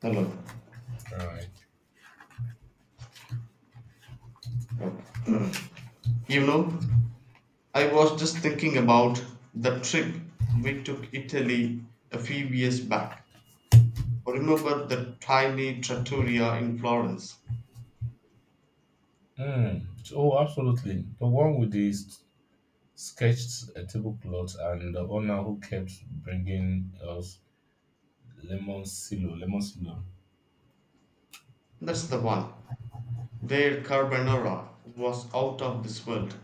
Hello. All right. Oh. You know, I was just thinking about the trip we took Italy a few years back. Remember the tiny trattoria in Florence? Mm. Oh, absolutely. The one with the sketched tablecloth and the owner who kept bringing us lemon silo, lemon silo. That's the one. Their carbonara was out of this world.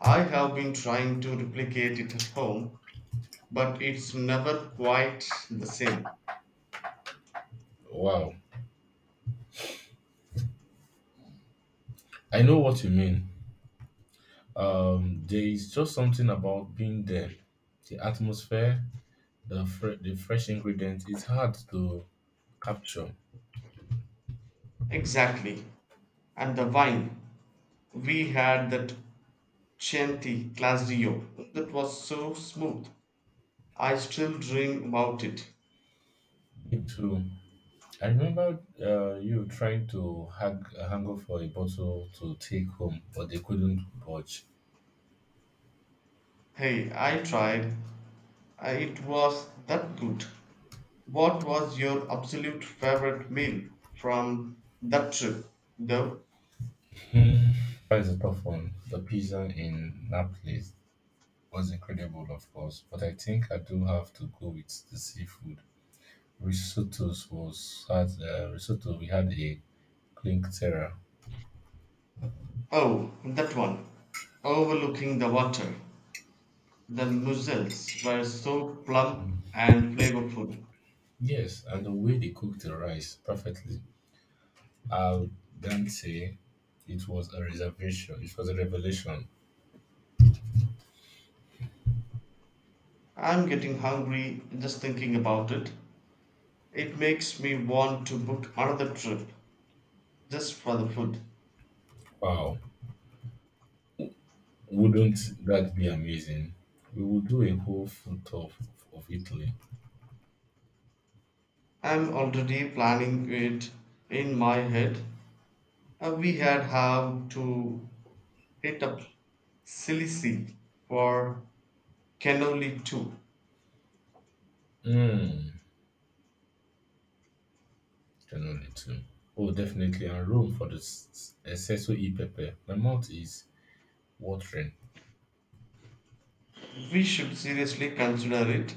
I have been trying to replicate it at home, but it's never quite the same. Wow. I know what you mean. There is just something about being there. The atmosphere, the fresh ingredients. It's hard to capture. Exactly. And the wine. We had that Chianti Classico that was so smooth I still dream about it. Me too. I remember you trying to hang, haggle for a bottle to take home, but they couldn't budge. Hey, I tried. It was that good. What was your absolute favorite meal from that trip, though? Hmm. That is a tough one. The pizza in Naples was incredible, of course, but I think I do have to go with the seafood. Risottos was had risotto. We had a clinktera. Oh, that one. Overlooking the water. The mussels were so plump and flavorful. Yes, and the way they cooked the rice perfectly. Al dente. It was a revelation. I'm getting hungry just thinking about it. It makes me want to book another trip just for the food. Wow! Wouldn't that be amazing? We would do a whole food tour of Italy. I'm already planning it in my head. We had have to hit up Sicily for cannoli too. Mm. Generally too. Oh, definitely. And room for the espresso e pepper. My mouth is watering. We should seriously consider it.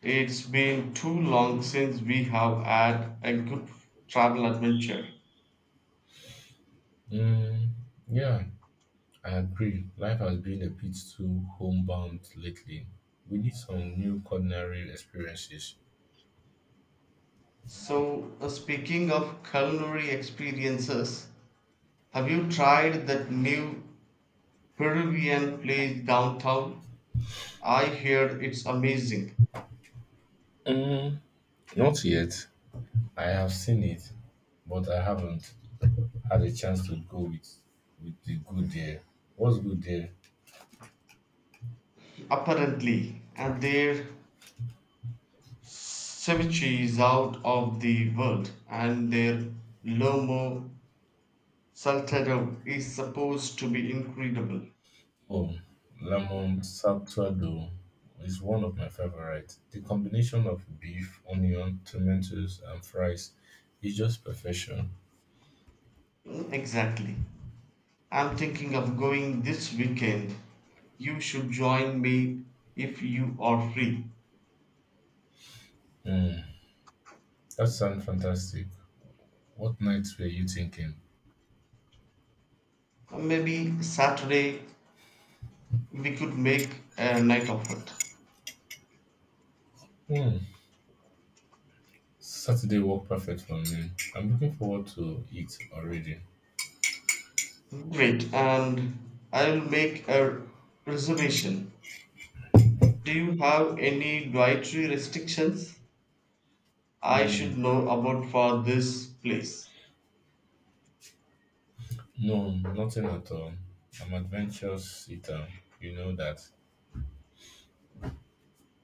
It's been too long since we have had a good travel adventure. Mm, yeah, I agree. Life has been a bit too homebound lately. We need some new culinary experiences. So, speaking of culinary experiences, have you tried that new Peruvian place downtown? I heard it's amazing. Mm, not yet. I have seen it, but I haven't had a chance to go with the good there. What's good there? Apparently, and their Ceviche is out of the world, and their lomo saltado is supposed to be incredible. Oh, lemon sourdough is one of my favorite. The combination of beef, onion, tomatoes, and fries is just perfection. Mm, exactly. I'm thinking of going this weekend. You should join me if you are free. Mm, that sounds fantastic. What nights were you thinking? Maybe Saturday we could make a night of it. Hmm, Saturday worked perfect for me. I'm looking forward to it already. Great, and I'll make a reservation. Do you have any dietary restrictions? I should Mm, know about for this place. no, nothing at all. I'm adventurous eater. You know that.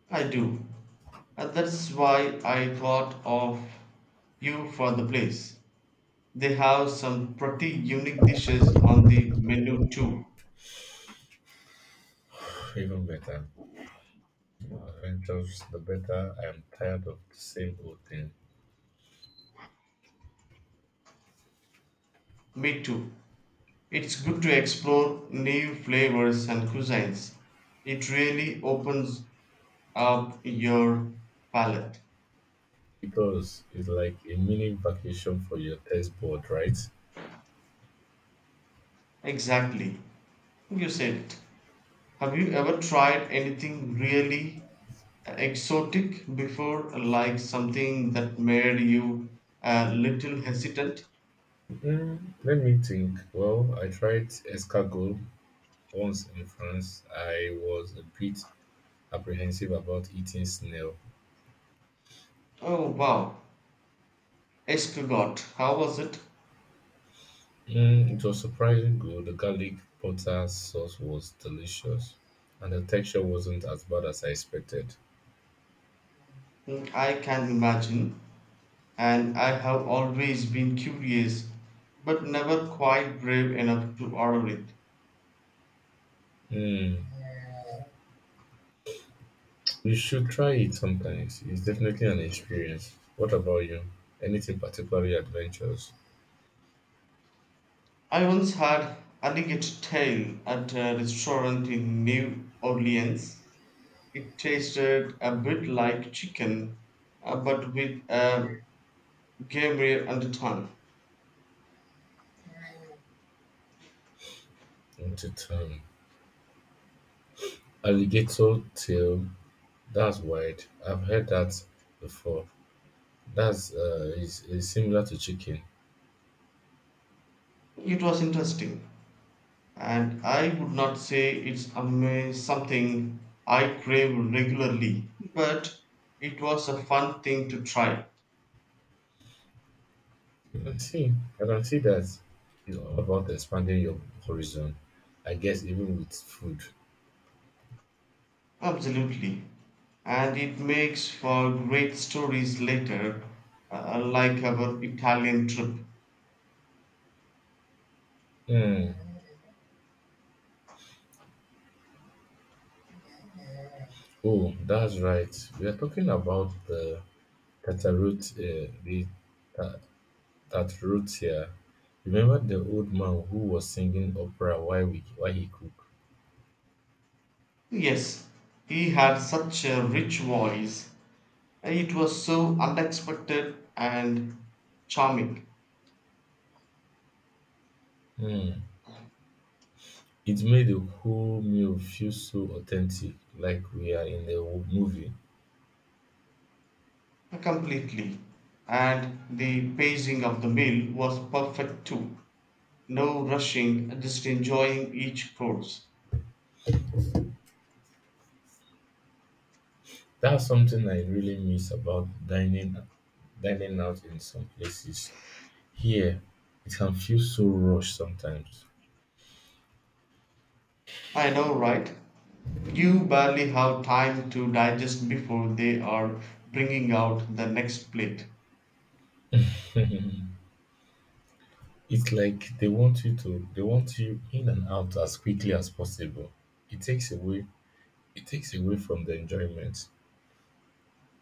I do. And that's why I thought of you for the place. They have some pretty unique dishes on the menu too. Even better. Adventures, the better I am tired of the same old thing. Me too. It's good to explore new flavors and cuisines. It really opens up your palate. Because it's like a mini vacation for your testboard, right? Exactly. You said it. Have you ever tried anything really exotic before, like something that made you a little hesitant? Mm, let me think. Well, I tried escargot once in France. I was a bit apprehensive about eating snail. Oh wow, escargot, how was it? Mm, it was surprisingly good. The garlic butter sauce was delicious, and the texture wasn't as bad as I expected. Mm, I can imagine, and I have always been curious, but never quite brave enough to order it. Mm, you should try it sometimes. It's definitely an experience. What about you? Anything particularly adventurous? I once had alligator tail at a restaurant in New Orleans. It tasted a bit like chicken, but with a gamey undertone. Into alligator tail, that's wild. I've heard that before. That's is similar to chicken. It was interesting, and I would not say it's something I crave regularly, but it was a fun thing to try. I can see. I can see that it's all about expanding your horizon. I guess even with food. Absolutely. And it makes for great stories later, like our Italian trip. Hmm. Oh, that's right. We are talking about the tatarot, uh, the ta- tatarotia. Remember the old man who was singing opera while he cooked. Yes, he had such a rich voice. It was so unexpected and charming, Hmm. It made the whole meal feel so authentic, like we are in a movie. completely. And the pacing of the meal was perfect too. No rushing, just enjoying each course. That's something I really miss about dining out in some places. Here, it can feel so rushed sometimes. I know, right? You barely have time to digest before they are bringing out the next plate. It's like they want you in and out as quickly as possible. It takes away it takes away from the enjoyment.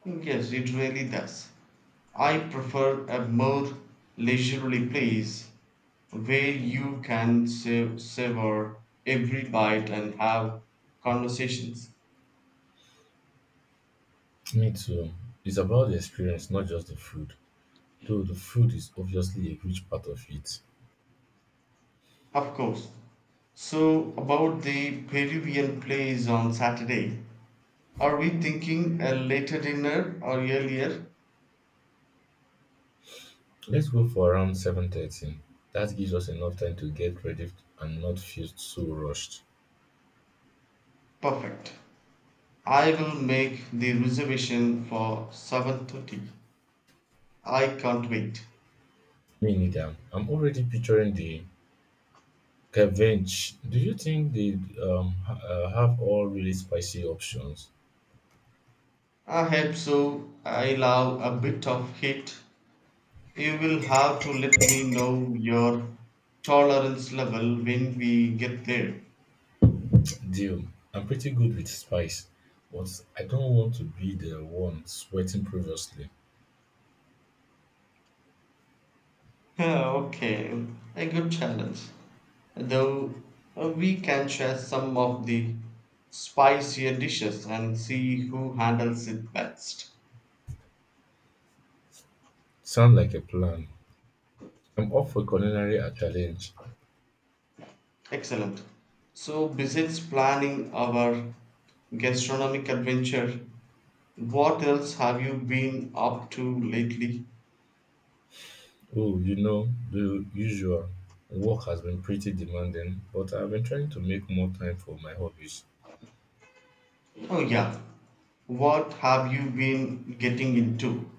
Yes, it really does. I prefer a more leisurely place where you can savor every bite and have conversations. Me too. It's about the experience, not just the food. Though the food is obviously a huge part of it. Of course. So, about the Peruvian plays on Saturday, are we thinking a later dinner or earlier? Let's go for around 7:30. That gives us enough time to get ready and not feel so rushed. Perfect. I will make the reservation for 7:30. I can't wait. Me neither. I'm already picturing the revenge. Do you think they have all really spicy options? I hope so. I love a bit of heat. You will have to let me know your tolerance level when we get there. Deal. I'm pretty good with spice, but I don't want to be the one sweating previously. Ah, okay, a good challenge. Though we can share some of the spicier dishes and see who handles it best. Sound like a plan. I'm up for culinary a challenge. Excellent. So, besides planning our gastronomic adventure, what else have you been up to lately? Oh, you know, the usual. Work has been pretty demanding, but I've been trying to make more time for my hobbies. Oh, yeah. What have you been getting into?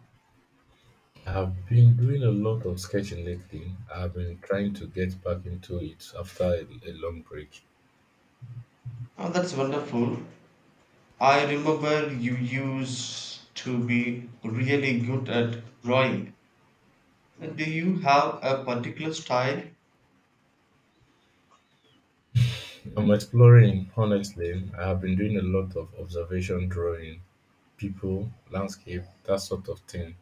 I've been doing a lot of sketching lately. I've been trying to get back into it after a long break. Oh, that's wonderful. I remember you used to be really good at drawing. Do you have a particular style? I'm exploring, honestly. I have been doing a lot of observation drawing, people, landscape, that sort of thing.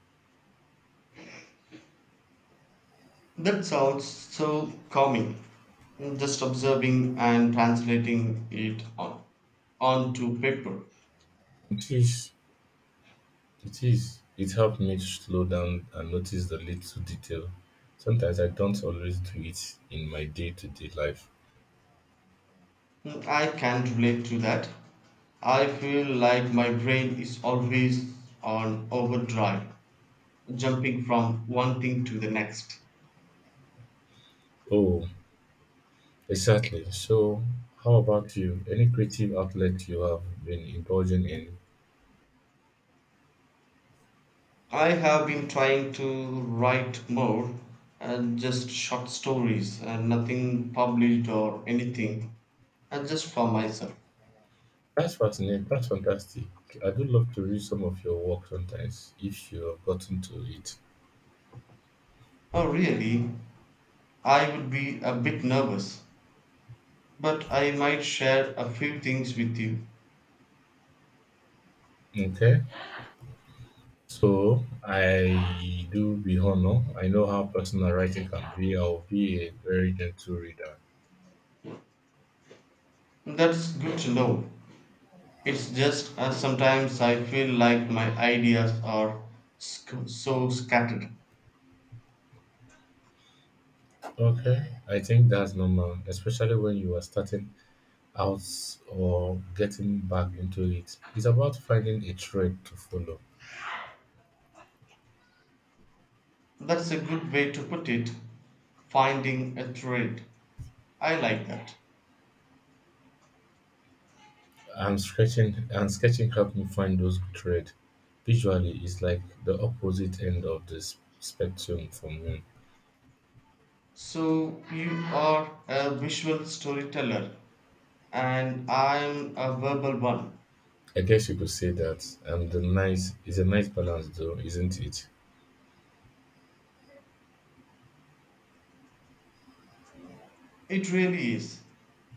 That sounds so calming. Just observing and translating it on onto paper. It is, it is. It helped me to slow down and notice the little detail. Sometimes I don't always do it in my day to day life. I can relate to that. I feel like my brain is always on overdrive, jumping from one thing to the next. Oh, exactly. So, how about you? Any creative outlet you have been indulging in? I have been trying to write more, just short stories, nothing published or anything, just for myself. That's fascinating. That's fantastic. I do love to read some of your work sometimes if you have gotten to it. Oh, really? I would be a bit nervous, but I might share a few things with you. Okay. So, I do be honor. I know how personal writing can be. I'll be a very gentle reader. That's good to know. It's just sometimes I feel like my ideas are so scattered. Okay. I think that's normal, especially when you are starting out or getting back into it. It's about finding a thread to follow. That's a good way to put it, finding a thread. I like that. And sketching helped me find those thread. Visually, it's like the opposite end of the spectrum for me. So you are a visual storyteller and I'm a verbal one. I guess you could say that. And the nice is a nice balance, though, isn't it? It really is.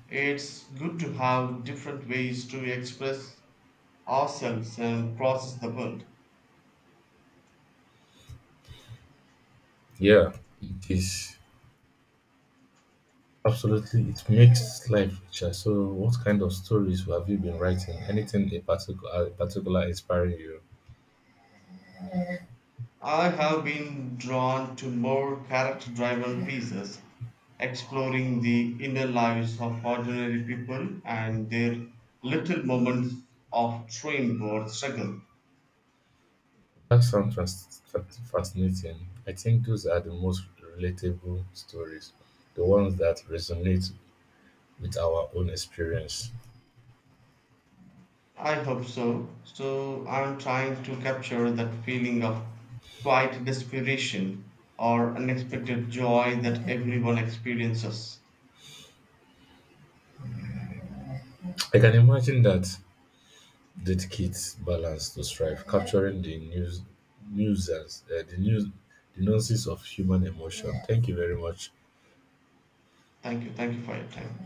It's good to have different ways to express ourselves and process the world. Yeah, it is. Absolutely, it makes life richer. So, what kind of stories have you been writing? Anything in particular, inspiring you? I have been drawn to more character driven pieces, exploring the inner lives of ordinary people and their little moments of dream or struggle. That sounds fascinating. I think those are the most relatable stories, the ones that resonate with our own experience. I hope so. So I'm trying to capture that feeling of quiet desperation or unexpected joy that everyone experiences. I can imagine that did kids balance to strive, capturing the the nuances of human emotion. Thank you very much. Thank you. Thank you for your time.